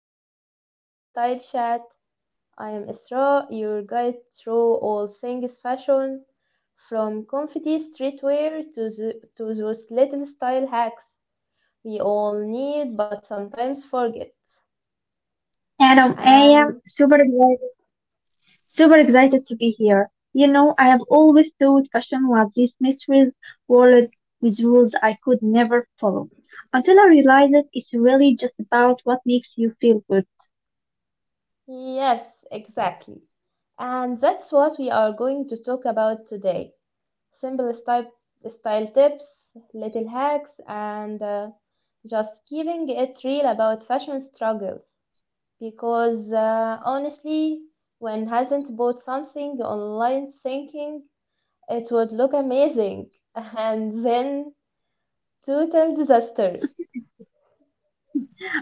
to the Everyday Style Chat. I am Isra, your guide through all things fashion, from comfy streetwear to those little style hacks we all need but sometimes forget. Adam, I And am super excited to be here. You know, I have always thought fashion was this mysterious world with rules I could never follow. Until I realized that it's really just about what makes you feel good. yes, exactly. And that's what we are going to talk about today. Simple style, style tips, little hacks, and just keeping it real about fashion struggles. Because honestly, when hasn't bought something online thinking it would look amazing, and then total disaster.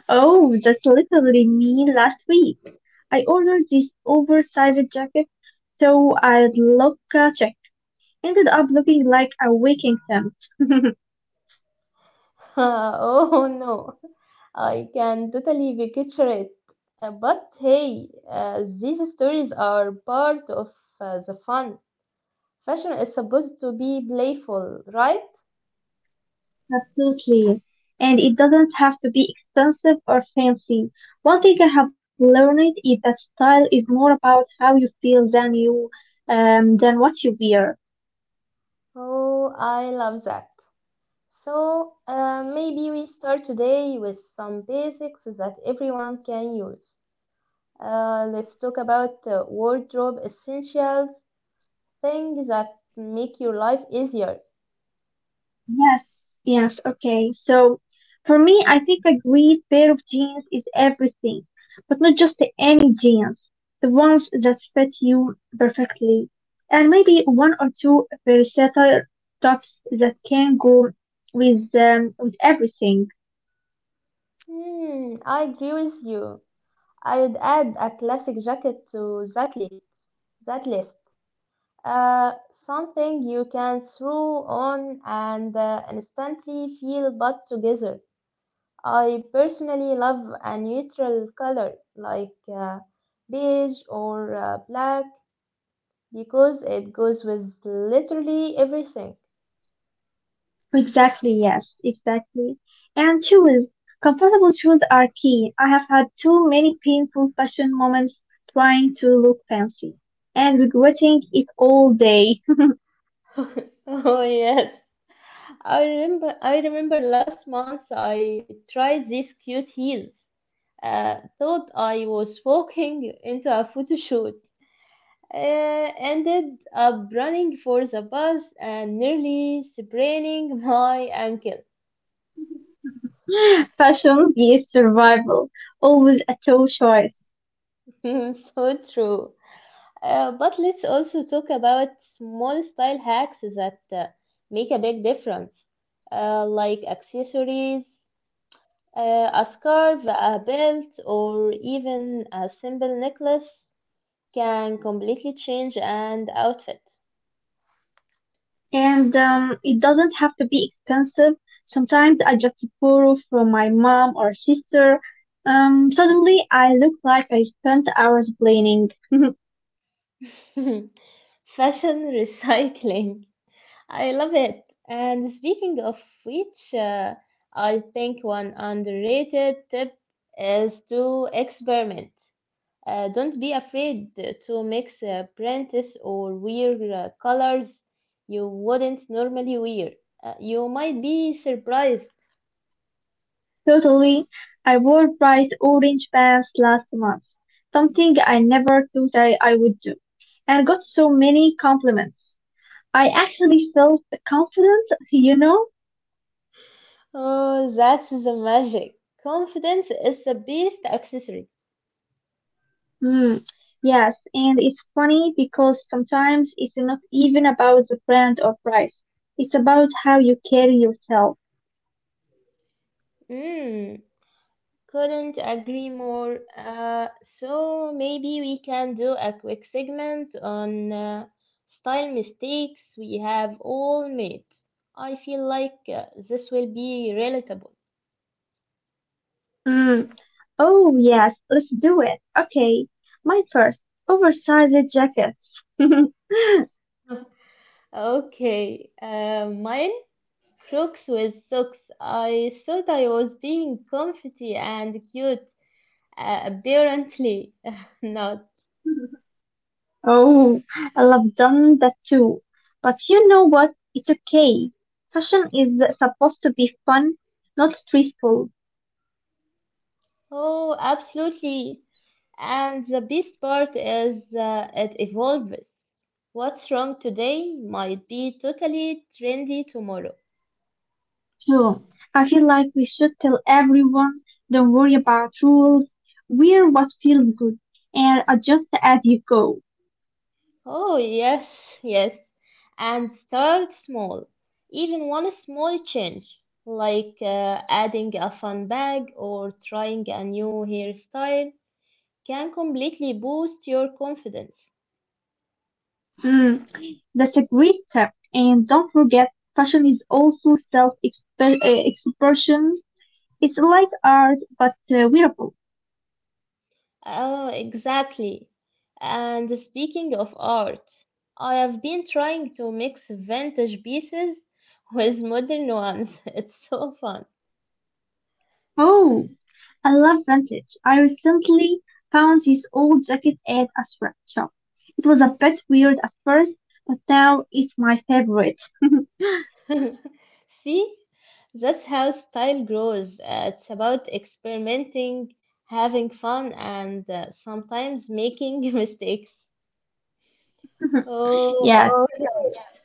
Oh, that's literally me last week. I ordered this oversized jacket so I'd look check. Ended up looking like a Viking tent. Oh no, I can totally picture it. But hey, these stories are part of the fun. Fashion is supposed to be playful, right? Absolutely. And it doesn't have to be expensive or fancy. One thing I have learned is that style is more about how you feel than what you wear. Oh, I love that. So, maybe we start today with some basics that everyone can use. Let's talk about wardrobe essentials, things that make your life easier. Yes. Yes, okay. So for me, I think a great pair of jeans is everything, but not just any jeans, the ones that fit you perfectly. And maybe one or two versatile tops that can go with everything. Hmm, I agree with you. I would add a classic jacket to that list. That list. Uh, Something you can throw on and instantly feel put together. I personally love a neutral color like beige or black because it goes with literally everything. Exactly, yes, exactly. And shoes. Comfortable shoes are key. I have had too many painful fashion moments trying to look fancy and regretting it all day. Oh yes. I remember last month I tried these cute heels. Thought I was walking into a photo shoot. Uh, Ended up running for the bus and nearly spraining my ankle. Fashion is survival, always a tough choice. So true. But let's also talk about small style hacks that make a big difference, like accessories, a scarf, a belt, or even a simple necklace can completely change an outfit. And it doesn't have to be expensive. Sometimes I just borrow from my mom or sister. Suddenly I look like I spent hours planning. Fashion recycling. I love it. And speaking of which, I think one underrated tip is to experiment. Don't be afraid to mix prints or wear colors you wouldn't normally wear. You might be surprised. Totally. I wore bright orange pants last month, something I never thought I would do, and got so many compliments. I actually felt confident, you know? Oh, that's the magic. Confidence is the best accessory. Hmm. Yes, and it's funny because sometimes it's not even about the brand or price. It's about how you carry yourself. Mm, couldn't agree more. So maybe we can do a quick segment on style mistakes we have all made. I feel like this will be relatable. Mm. Oh, yes, let's do it. Okay, my first oversized jackets. Okay, mine flocks with socks. I thought I was being comfy and cute. Apparently, not. Oh, I've done that too. But you know what? It's okay. Fashion is supposed to be fun, not stressful, Oh, absolutely. And the best part is it evolves. What's wrong today might be totally trendy tomorrow. too. I feel like we should tell everyone, don't worry about rules. Wear what feels good and adjust as you go. Oh, yes, yes. And start small. Even one small change, like adding a fun bag or trying a new hairstyle, can completely boost your confidence. Mm, that's a great tip. And don't forget, fashion is also self-expression. It's like art, but wearable. Oh, exactly. And speaking of art, I have been trying to mix vintage pieces with modern ones. It's so fun. Oh, I love vintage. I recently found this old jacket at a thrift shop. It was a bit weird at first, but now it's my favorite. See, that's how style grows. It's about experimenting, having fun, and sometimes making mistakes. Oh, Yeah, oh. No.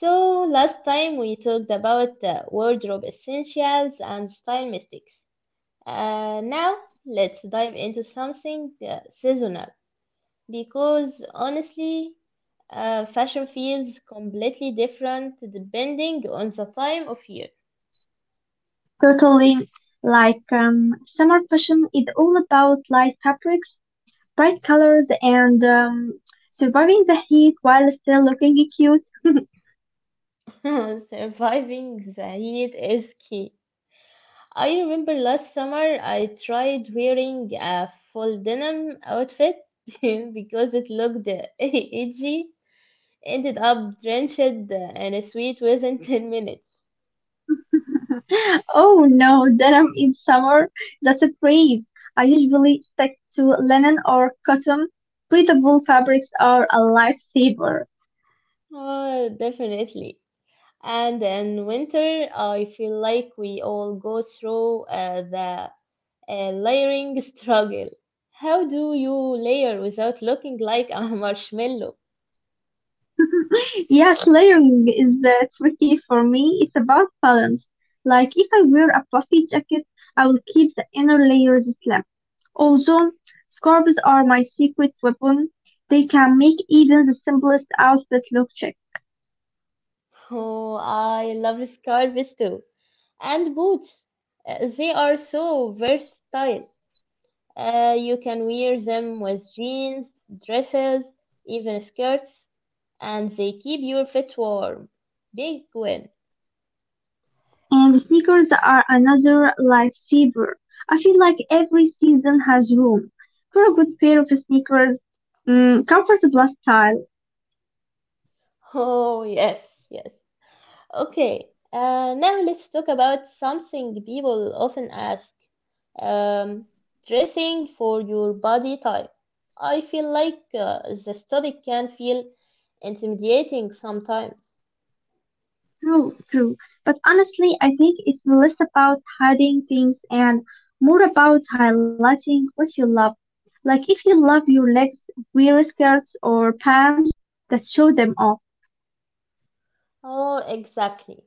So last time we talked about wardrobe essentials and style mistakes. Now let's dive into something seasonal because honestly, fashion feels completely different depending on the time of year. totally. Like summer fashion is all about light fabrics, bright colors, and surviving the heat while still looking cute. Surviving the heat is key. I remember last summer I tried wearing a full denim outfit because it looked edgy. Ended up drenched in a sweat within 10 minutes. Oh no, denim in summer? That's a breeze. I usually stick to linen or cotton. Breathable fabrics are a lifesaver. Oh, definitely. And in winter, I feel like we all go through the layering struggle. How do you layer without looking like a marshmallow? Yes, layering is tricky for me. It's about balance. Like if I wear a puffy jacket, I will keep the inner layers slim. Also, scarves are my secret weapon. They can make even the simplest outfit look chic. Oh, I love scarves too. And boots. They are so versatile. You can wear them with jeans, dresses, even skirts, and they keep your feet warm. Big win. And sneakers are another lifesaver. I feel like every season has room for a good pair of sneakers. Mm, comfort plus style. Oh, yes, yes. Okay, now let's talk about something people often ask. Um, Dressing for your body type. I feel like the story can feel intimidating sometimes. True, true. But honestly, I think it's less about hiding things and more about highlighting what you love. Like if you love your legs, wear skirts or pants that show them off. Oh, exactly.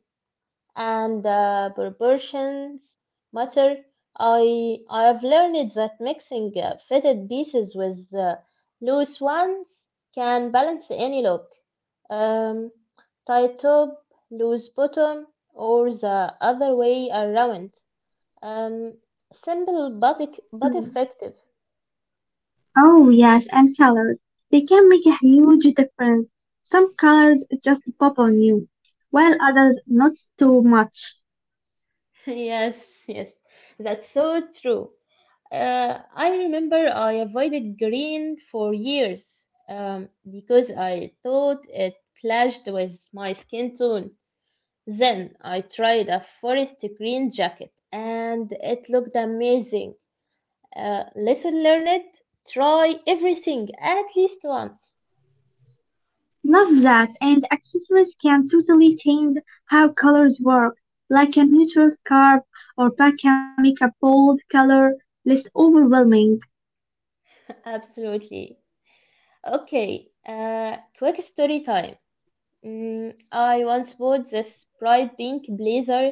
And proportions matter. I have learned that mixing fitted pieces with loose ones can balance any look. um, Tie top, loose bottom, or the other way around. Um, simple but Mm. effective. Oh yes, and colors. They can make a huge difference. Some colors just pop on you, while others not too much. Yes, yes, that's so true. I remember I avoided green for years because I thought it clashed with my skin tone. Then I tried a forest green jacket and it looked amazing. Lesson learned, try everything at least once. Love that, and accessories can totally change how colors work. Like a neutral scarf or pack can make a bold color less overwhelming. Absolutely. Okay, quick story time. I once bought this bright pink blazer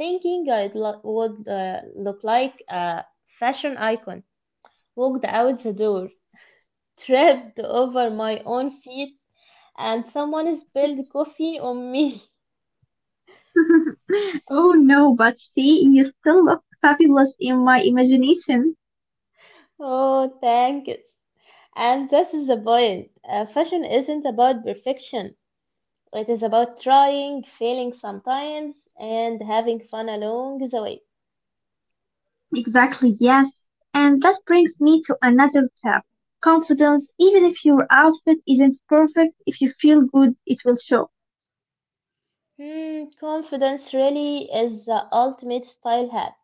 thinking I would look like a fashion icon. Walked out the door, tripped over my own feet, and someone spilled coffee on me. Oh no, but see, you still look fabulous in my imagination. Oh, thanks. And this is the point. Fashion isn't about perfection. It is about trying, failing sometimes, and having fun along the way. Exactly, yes. And that brings me to another tip. Confidence, even if your outfit isn't perfect, if you feel good, it will show. Hmm, confidence really is the ultimate style hack,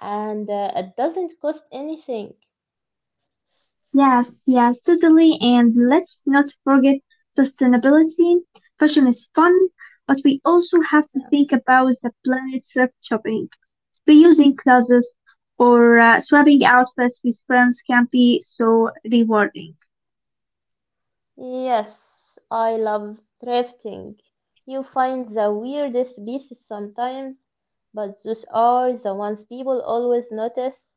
and it doesn't cost anything. Yes, yes, totally. And let's not forget sustainability. Fashion is fun, but we also have to think about the planet's thrift shopping. Reusing clothes or swapping outfits with friends can be so rewarding. Yes, I love thrifting. You find the weirdest pieces sometimes, but those are the ones people always notice.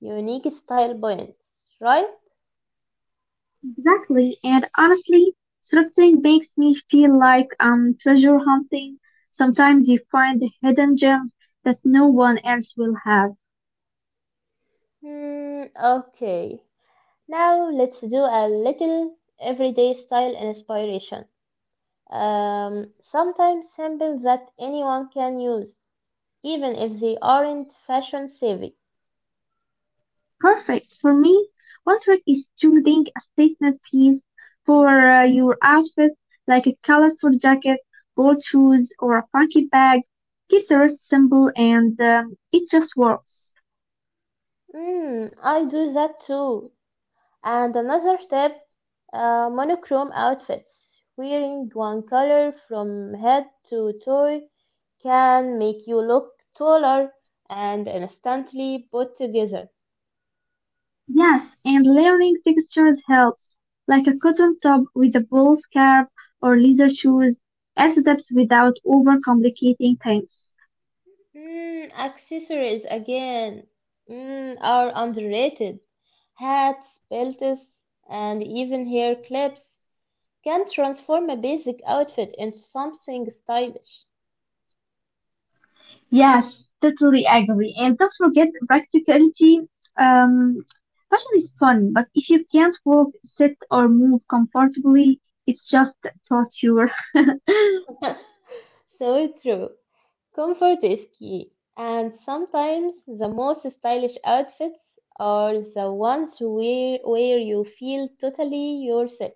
Unique style points, right? Exactly, and honestly, thrifting makes me feel like I'm treasure hunting. Sometimes you find the hidden gems that no one else will have. Hmm, okay. Now let's do a little everyday style inspiration. Sometimes symbols that anyone can use, even if they aren't fashion savvy. Perfect. For me, one trick is choosing a statement piece for your outfit, like a colorful jacket, bold shoes, or a funky bag. Keeps the rest simple and it just works. Mm, I do that too. And another tip, monochrome outfits. Wearing one color from head to toe can make you look taller and instantly put together. Yes, and layering textures helps, like a cotton top with a ball scarf or leather shoes as depth without overcomplicating things. Accessories again are underrated. Hats, belts, and even hair clips can transform a basic outfit into something stylish. Yes, totally agree. And don't forget practicality. Um, Fashion is fun, but if you can't walk, sit, or move comfortably, it's just torture. So true. Comfort is key, and sometimes the most stylish outfits are the ones where you feel totally yourself.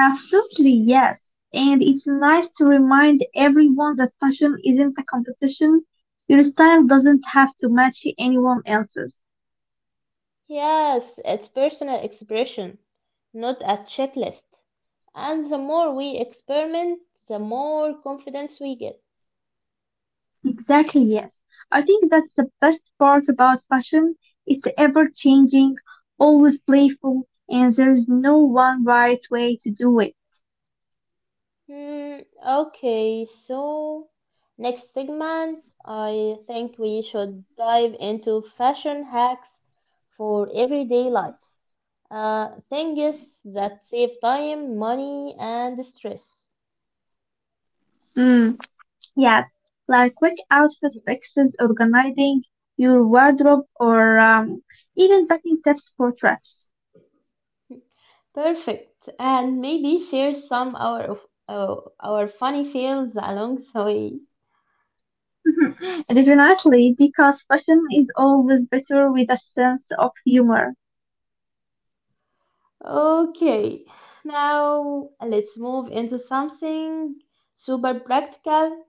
Absolutely, yes. And it's nice to remind everyone that fashion isn't a competition. Your style doesn't have to match anyone else's. Yes, it's personal expression, not a checklist. And the more we experiment, the more confidence we get. Exactly, yes. I think that's the best part about fashion. It's ever changing, always playful, and there's no one right way to do it. Hmm, okay, so next segment, I think we should dive into fashion hacks for everyday life. Things that save time, money, and stress. Mm, yes, like quick outfit fixes, organizing your wardrobe, or even packing tips for trips. Perfect. And maybe share some our of our funny fails along the way. Definitely, because fashion is always better with a sense of humor. Okay, now let's move into something super practical,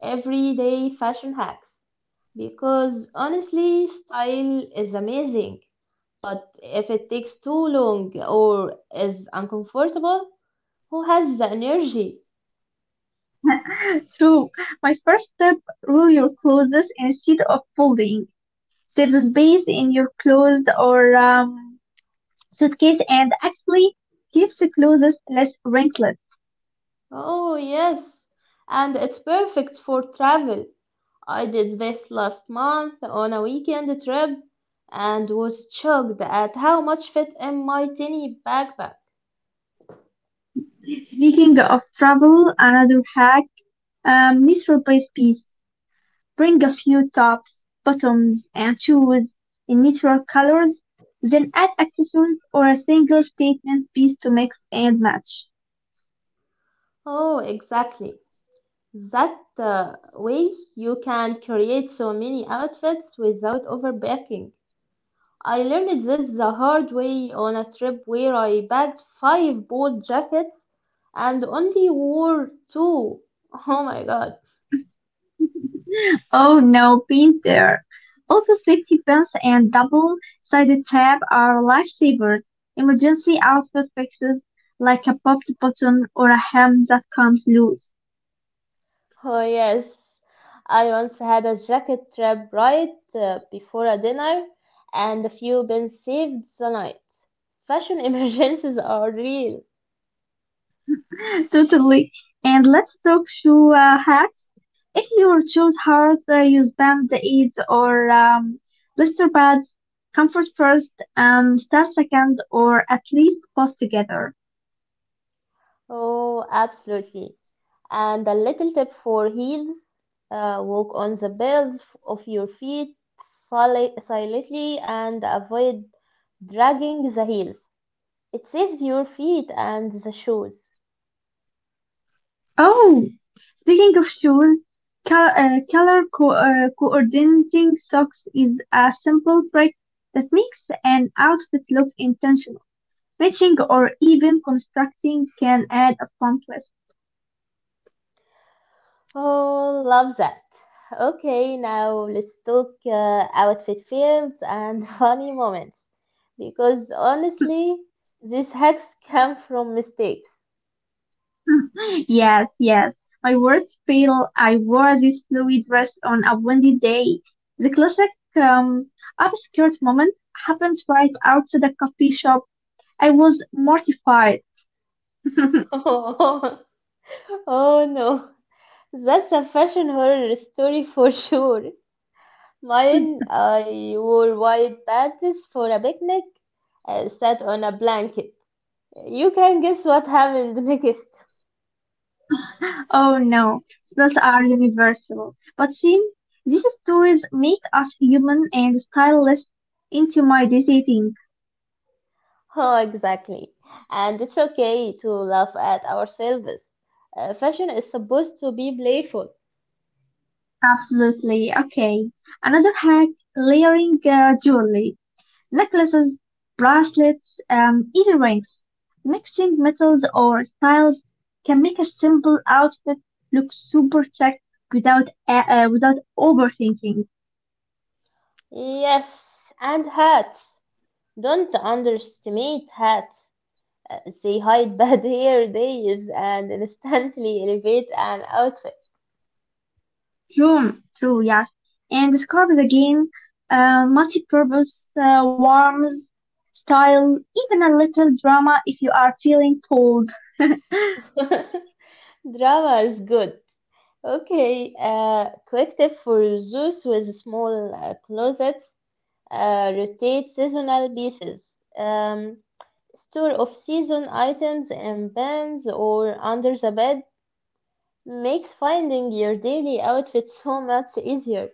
everyday fashion hacks. Because honestly, style is amazing, but if it takes too long or is uncomfortable, who has the energy? True, my first step, roll your clothes instead of folding. Save the space in your clothes or suitcase and actually keeps the clothes less wrinkled. Oh, yes, and it's perfect for travel. I did this last month on a weekend trip and was shocked at how much fit in my tiny backpack. Speaking of travel, another hack, measure by piece. Bring a few tops, bottoms and shoes in neutral colors, then add accessories or a single statement piece to mix and match. Oh, exactly. That way you can create so many outfits without overpacking. I learned this the hard way on a trip where I packed five bold jackets and only wore two. Oh my god. Oh no, been there. Also, safety pins and double-sided tape are lifesavers. Emergency outfit fixes like a popped button or a hem that comes loose. Oh yes. I once had a jacket trip right before a dinner and a few pins saved the night. Fashion emergencies are real. Totally. And let's talk shoe hacks. If your shoes hurt, use band aids or blister pads. Comfort first, style second, or at least post together. Oh, absolutely. And a little tip for heels walk on the balls of your feet silently and avoid dragging the heels. It saves your feet and the shoes. Oh, speaking of shoes, coordinating socks is a simple trick that makes an outfit look intentional. Matching or even constructing can add a fun twist. Oh, love that. Okay, now let's talk outfit fails and funny moments because honestly, these hacks come from mistakes. Yes, yes. My worst fail, I wore this flowy dress on a windy day. The classic um, upskirt moment happened right outside a coffee shop. I was mortified. Oh, no, that's a fashion horror story for sure. Mine, I wore white pants for a picnic, sat on a blanket. You can guess what happened next. Oh no, spells are universal. But see, these stories make us human and stylists into my dating. Oh, exactly. And it's okay to laugh at ourselves. Fashion is supposed to be playful. Absolutely. Okay. Another hack, layering jewelry. Necklaces, bracelets, earrings. Mixing metals or styles can make a simple outfit look super chic without without overthinking. Yes, and hats. Don't underestimate hats. They hide bad hair days and instantly elevate an outfit. True, true, yes. And the scarf is again multi-purpose, warms style, even a little drama if you are feeling cold. Drama is good. Okay, collective for those with small closets, rotate seasonal pieces, um, store off-season items in bins or under the bed, makes finding your daily outfit so much easier.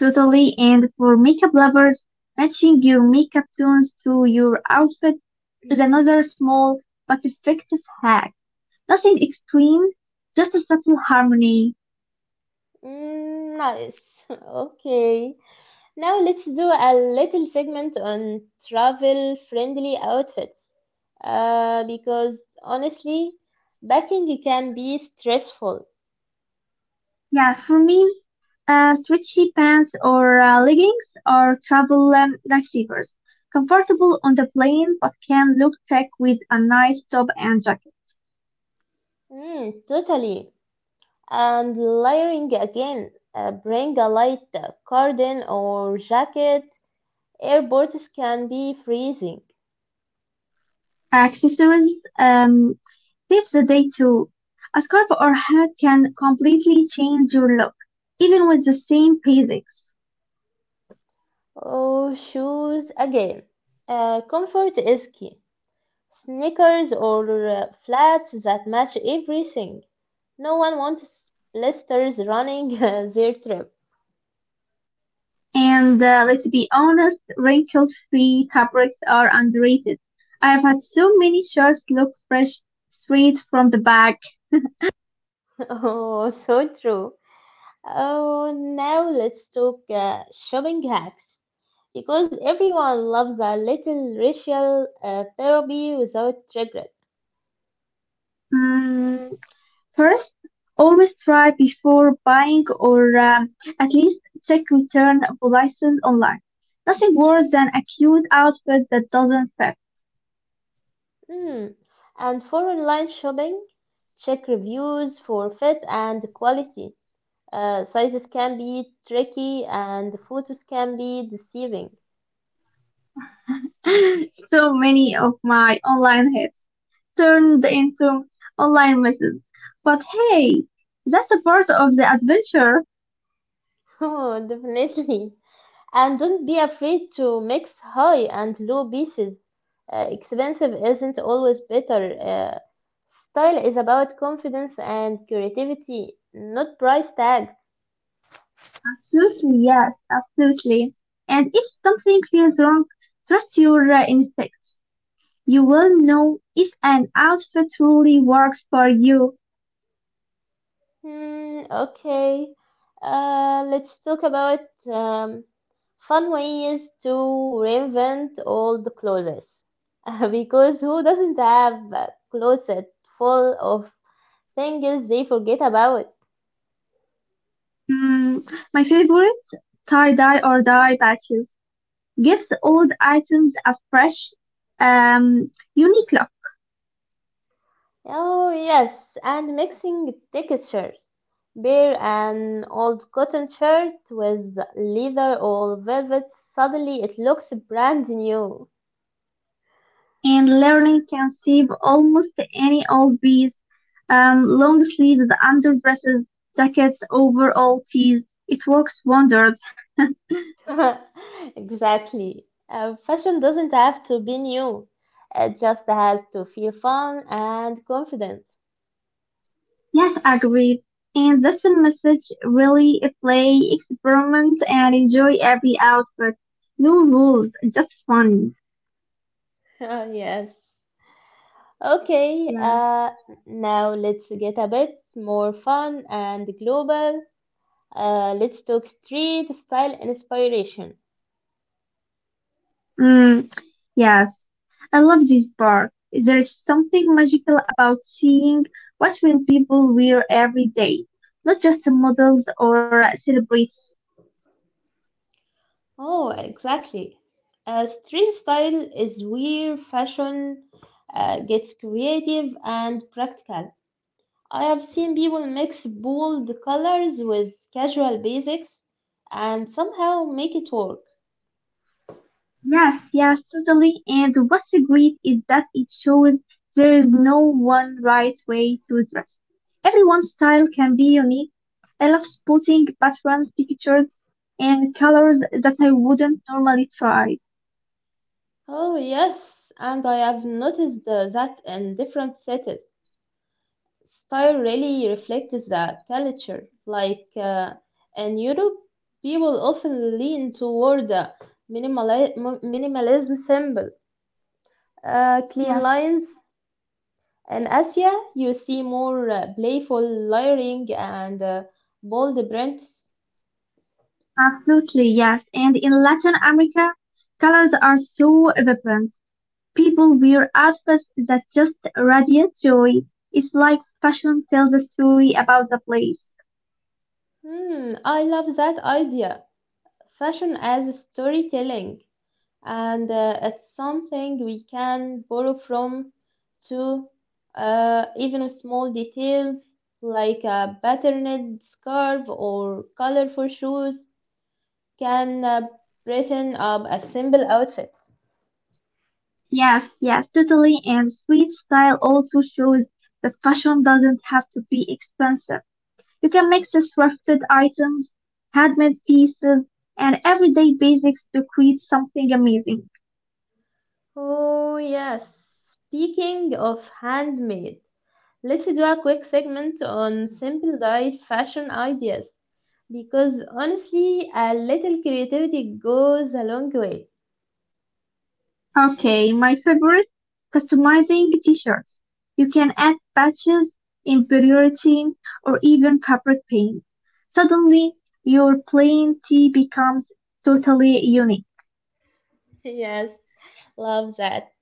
Totally, and for makeup lovers, matching your makeup tones to your outfit is another small but effective hack. Nothing extreme, just a subtle harmony. Mm, nice. Okay. Now let's do a little segment on travel-friendly outfits, because honestly, packing can be stressful. Yes, for me, stretchy pants or leggings are travel lifesavers. Comfortable on the plane, but can look tech with a nice top and jacket. Mm, totally. And layering again, bring a light curtain or jacket. Airports can be freezing. Accessories, seize the day too. A scarf or hat can completely change your look, even with the same basics. Oh, shoes again. Comfort is key. Sneakers or flats that match everything. No one wants blisters running their trip. And let's be honest, wrinkle-free fabrics are underrated. I have had so many shirts look fresh straight from the bag. Oh, so true. Oh, now let's talk shopping hacks because everyone loves a little ritual therapy without regret. Mm, first, always try before buying or at least check return policies online. Nothing worse than a cute outfit that doesn't fit. Hmm. And for online shopping, check reviews for fit and quality. Sizes can be tricky and photos can be deceiving. So many of my online hits turned into online lessons. But hey, that's a part of the adventure. Oh, definitely. And don't be afraid to mix high and low pieces. Expensive isn't always better. Style is about confidence and creativity, not price tags. Absolutely, yes, absolutely. And if something feels wrong, trust your instincts. You will know if an outfit truly works for you. Hmm, okay. Let's talk about um, fun ways to reinvent old clothes. Because who doesn't have a closet full of things they forget about? Mm, my favorite tie dye or dye patches gives old items a fresh, unique look. Oh, yes, and mixing textures. Bear an old cotton shirt with leather or velvet, suddenly it looks brand new. And learning can save almost any old piece. Long sleeves, underdresses, jackets, overall tees. It works wonders. Exactly. Fashion doesn't have to be new, it just has to feel fun and confident. Yes, agreed. And that's the message really play, experiment, and enjoy every outfit. No rules, just fun. Yes. Okay, Yes. Now let's get a bit more fun and global. Let's talk street style inspiration. Mm, yes. I love this part. There is something magical about seeing what will people wear every day, not just models or celebrities. Oh, exactly. Street style is where fashion gets creative and practical. I have seen people mix bold colors with casual basics and somehow make it work. Yes, yes, totally. And what's great is that it shows there is no one right way to dress. Everyone's style can be unique. I love spotting patterns, pictures, and colors that I wouldn't normally try. Oh, yes, and I have noticed that in different cities. Style really reflects the culture. Like in Europe, people often lean toward the minimalism symbols. Clean Yes, lines in Asia, you see more playful layering and bold prints. absolutely, yes. And in Latin America, colors are so vibrant. People wear outfits that just radiate joy. It's like fashion tells a story about the place. Hmm, I love that idea. Fashion as storytelling, and it's something we can borrow from to even small details like a patterned scarf or colorful shoes can brighten up a simple outfit. Yes, yes, totally. And street style also shows that fashion doesn't have to be expensive. You can mix the thrifted items, handmade pieces, and everyday basics to create something amazing. Oh, yes. Speaking of handmade, let's do a quick segment on simple life fashion ideas because honestly, a little creativity goes a long way. Okay, my favorite, customizing t-shirts. You can add patches, embroidery, or even fabric paint. Suddenly, your plain tee becomes totally unique. Yes, love that.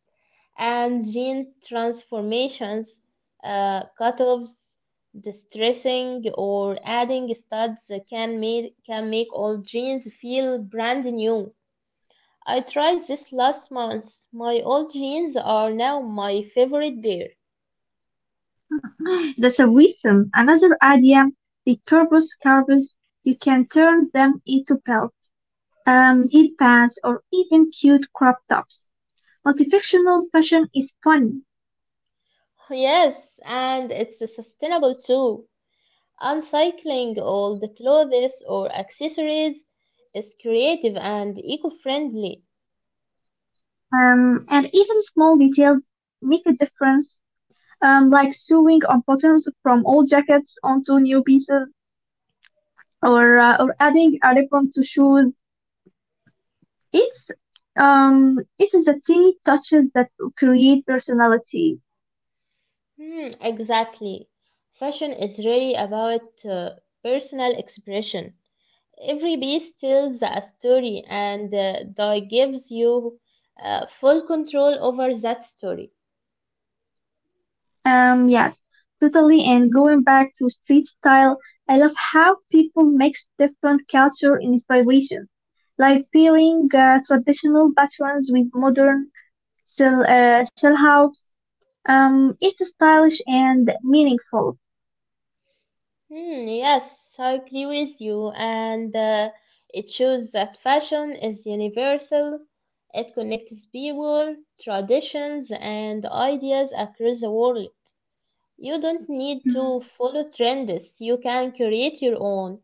And gene transformations, cut-offs, distressing, or adding studs can make old jeans feel brand new. I tried this last month. My old jeans are now my favorite pair. The servitum, another idea, the turbos scarves, you can turn them into belts, headbands, or even cute crop tops. Multifunctional fashion is fun, Yes, and it's sustainable too. Uncycling old clothes or accessories is creative and eco-friendly. And even small details make a difference, like sewing on buttons from old jackets onto new pieces, or adding a ribbon to shoes. It's it is the tiny touches that create personality. Hmm, exactly. Fashion is really about personal expression. Every piece tells a story, and Dai gives you full control over that story. Yes, totally. And going back to street style, I love how people mix different culture inspiration, like pairing traditional patterns with modern shell house. It's stylish and meaningful. Hmm, yes, I agree with you, and it shows that fashion is universal. It connects people, traditions, and ideas across the world. You don't need Mm, to follow trends, you can create your own.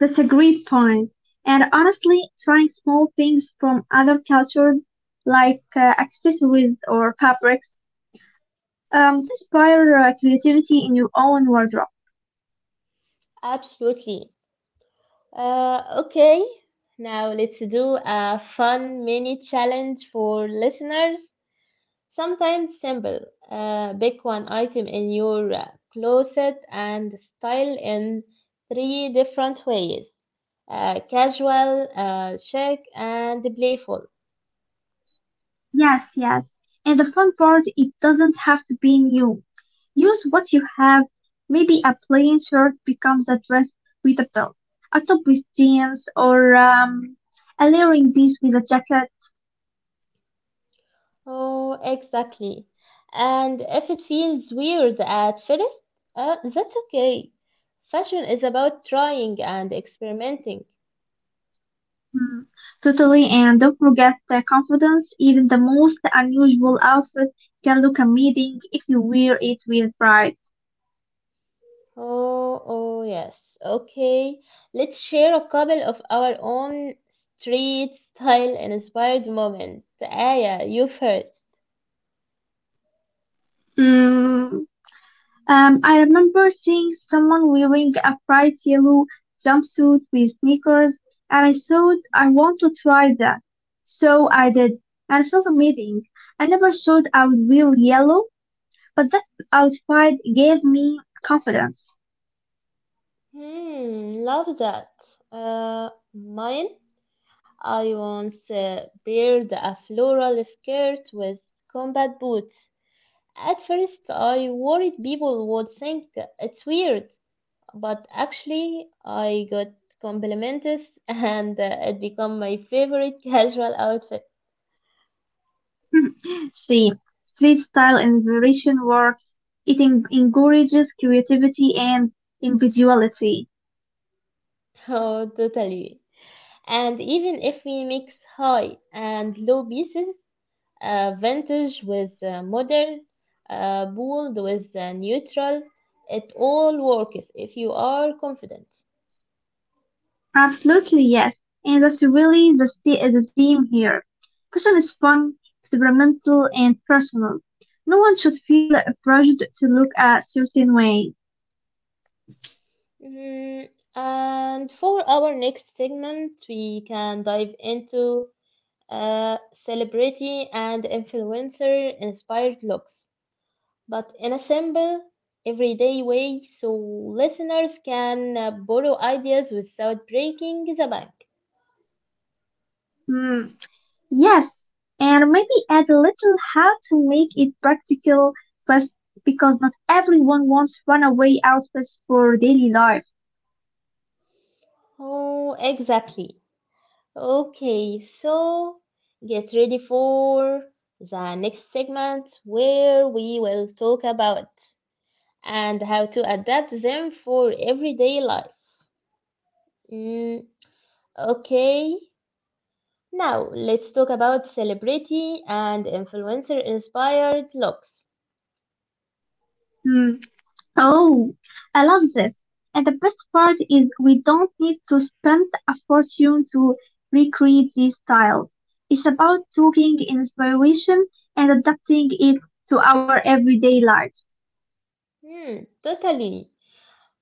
that's a great point. And honestly, trying small things from other cultures, like accessories or fabrics, can inspire creativity in your own wardrobe. Absolutely. Okay, now let's do a fun mini challenge for listeners. Sometimes simple, pick one item in your closet and style in three different ways. Casual, chic, and playful. Yes, yes. And the fun part, it doesn't have to be new. Use what you have. Maybe a plain shirt becomes a dress with a belt, a top with jeans, or a layering piece with a jacket. Oh, exactly. And if it feels weird at first, that's okay. Fashion is about trying and experimenting. Hmm. Totally, and don't forget the confidence. Even the most unusual outfit can look amazing if you wear it with pride. Oh, yes. Okay. Let's share a couple of our own street style inspired moments. Aya, you first. Mm, I remember seeing someone wearing a bright yellow jumpsuit with sneakers, and I thought I want to try that. So I did, and it felt amazing. I never thought I would wear yellow, but that outfit gave me confidence. Hmm, love that. Mine? I once paired a floral skirt with combat boots. At first, I worried people would think it's weird, but actually, I got compliments and it became my favorite casual outfit. See, street style inspiration works. It encourages creativity and individuality. Oh, totally. And even if we mix high and low pieces, vintage with modern, bold with neutral, it all works if you are confident. Absolutely yes, and that's really the theme here. Fashion is fun, experimental, and personal. No one should feel pressured to look a certain way. Mm, and for our next segment, we can dive into uh, celebrity and influencer inspired looks, but in a simple, everyday way so listeners can borrow ideas without breaking the bank. Hmm. Yes, and maybe add a little how to make it practical, but because not everyone wants runaway outfits for daily life. Oh, exactly. Okay, so get ready for the next segment where we will talk about and how to adapt them for everyday life. Mm, okay, now let's talk about celebrity and influencer inspired looks. Hmm. Oh, I love this. And the best part is we don't need to spend a fortune to recreate these styles. It's about taking inspiration and adapting it to our everyday lives. Hmm, totally.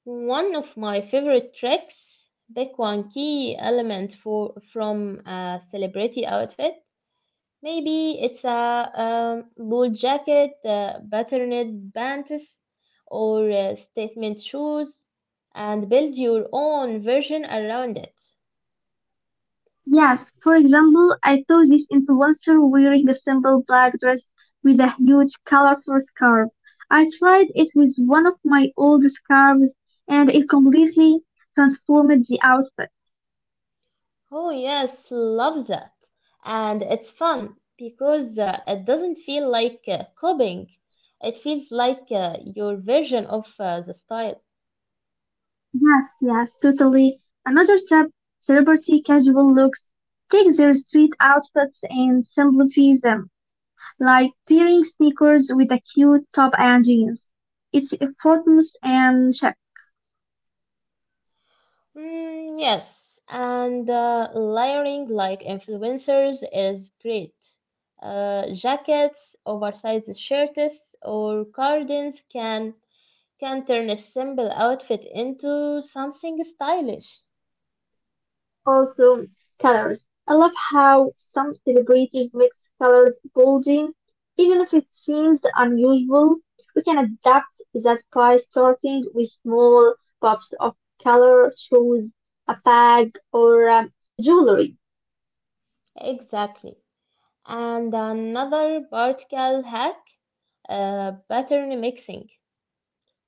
One of my favorite tricks, pick one key element for from a celebrity outfit. Maybe it's a bold jacket, patterned pants, or statement shoes, and build your own version around it. Yes, for example, I saw this influencer wearing a simple black dress with a huge colorful scarf. I tried it with one of my old scarves and it completely transformed the outfit. Oh yes, love that, and it's fun because it doesn't feel like copying. It feels like your version of the style. Yes, yes, totally. Another tip, celebrity casual looks. Take their street outfits and simplify them, like pairing sneakers with a cute top and jeans. It's effortless and cheap. Mm, yes, and layering like influencers is great. Jackets, oversized shirts, or cardigans can turn a simple outfit into something stylish. Also, colors. I love how some celebrities mix colors boldly. Even if it seems unusual, we can adapt that by starting with small pops of color, shoes, a bag, or jewelry. Exactly. And another vertical hack, pattern mixing.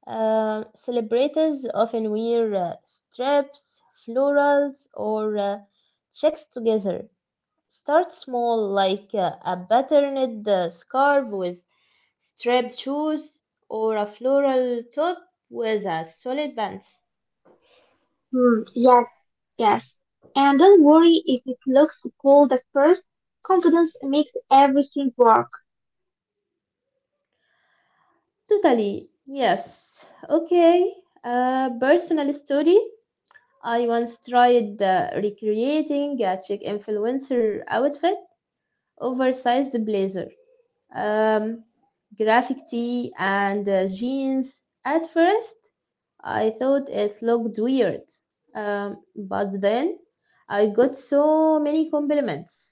Celebrities often wear stripes, florals, or checks together. Start small, like a patterned scarf with striped shoes or a floral top with a solid band. Hmm, yes, yes. And don't worry if it looks cold at first. Confidence makes everything work. Totally, yes. Okay, personal story. I once tried recreating a chic influencer outfit, oversized blazer, um, graphic tee, and jeans. At first, I thought it looked weird. But then I got so many compliments.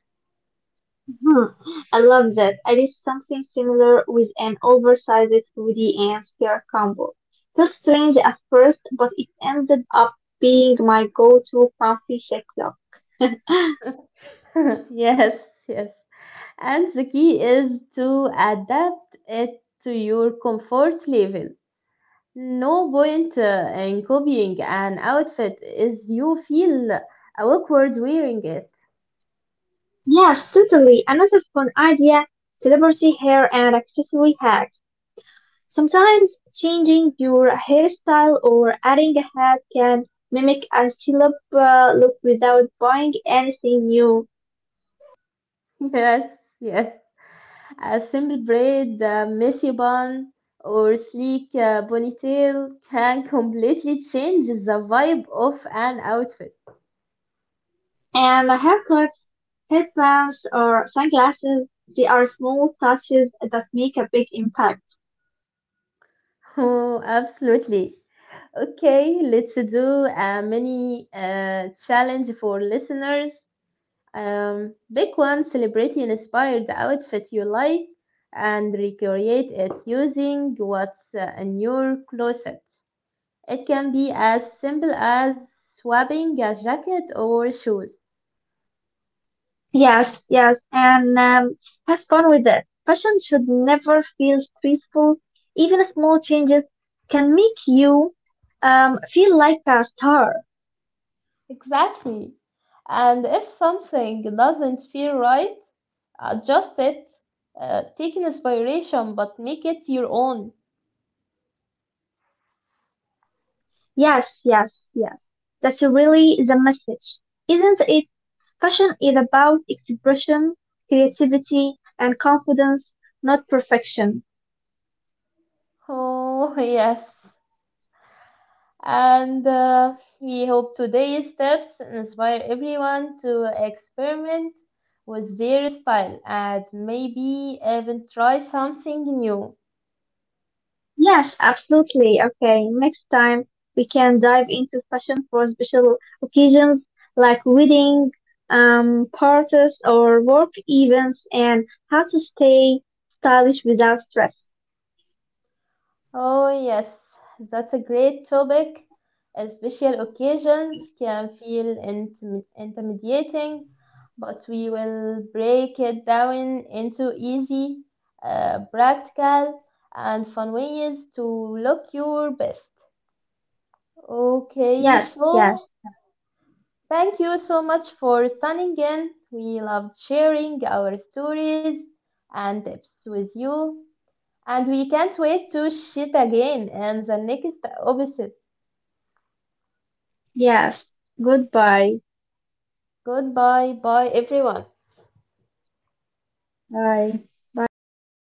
Hmm, I love that. I did something similar with an oversized hoodie and skirt combo. Felt strange at first, but it ended up being my go-to comfy chic look. Yes, yes. And the key is to adapt it to your comfort level. No point in copying an outfit is you feel awkward wearing it. Yes, totally. Another fun idea, celebrity hair and accessory hacks. Sometimes changing your hairstyle or adding a hat can mimic a celeb look without buying anything new. Yes, yes. A simple braid, a messy bun, or sleek ponytail can completely change the vibe of an outfit. And haircuts, headbands, or sunglasses, they are small touches that make a big impact. Oh, absolutely. Okay, let's do a mini challenge for listeners. Pick one celebrity inspired outfit you like and recreate it using what's in your closet. It can be as simple as swapping a jacket or shoes. Yes, yes, and have fun with it. Fashion should never feel stressful. Even small changes can make you feel like a star. Exactly. And if something doesn't feel right, adjust it. Take inspiration, but make it your own. Yes, yes, yes. That's really the message. Isn't it? Fashion is about expression, creativity, and confidence, not perfection. Oh, yes. And we hope today's tips inspire everyone to experiment with their style and maybe even try something new. Yes, absolutely. Okay, next time we can dive into fashion for special occasions like wedding, parties, or work events, and how to stay stylish without stress. Oh, yes, that's a great topic. Special occasions can feel intimidating, but we will break it down into easy, practical, and fun ways to look your best. Okay, Yes, yes, so thank you so much for tuning in. We loved sharing our stories and tips with you. And we can't wait to shit again and the next episode. yes. Goodbye. Goodbye, bye everyone. Bye. Bye, Isra.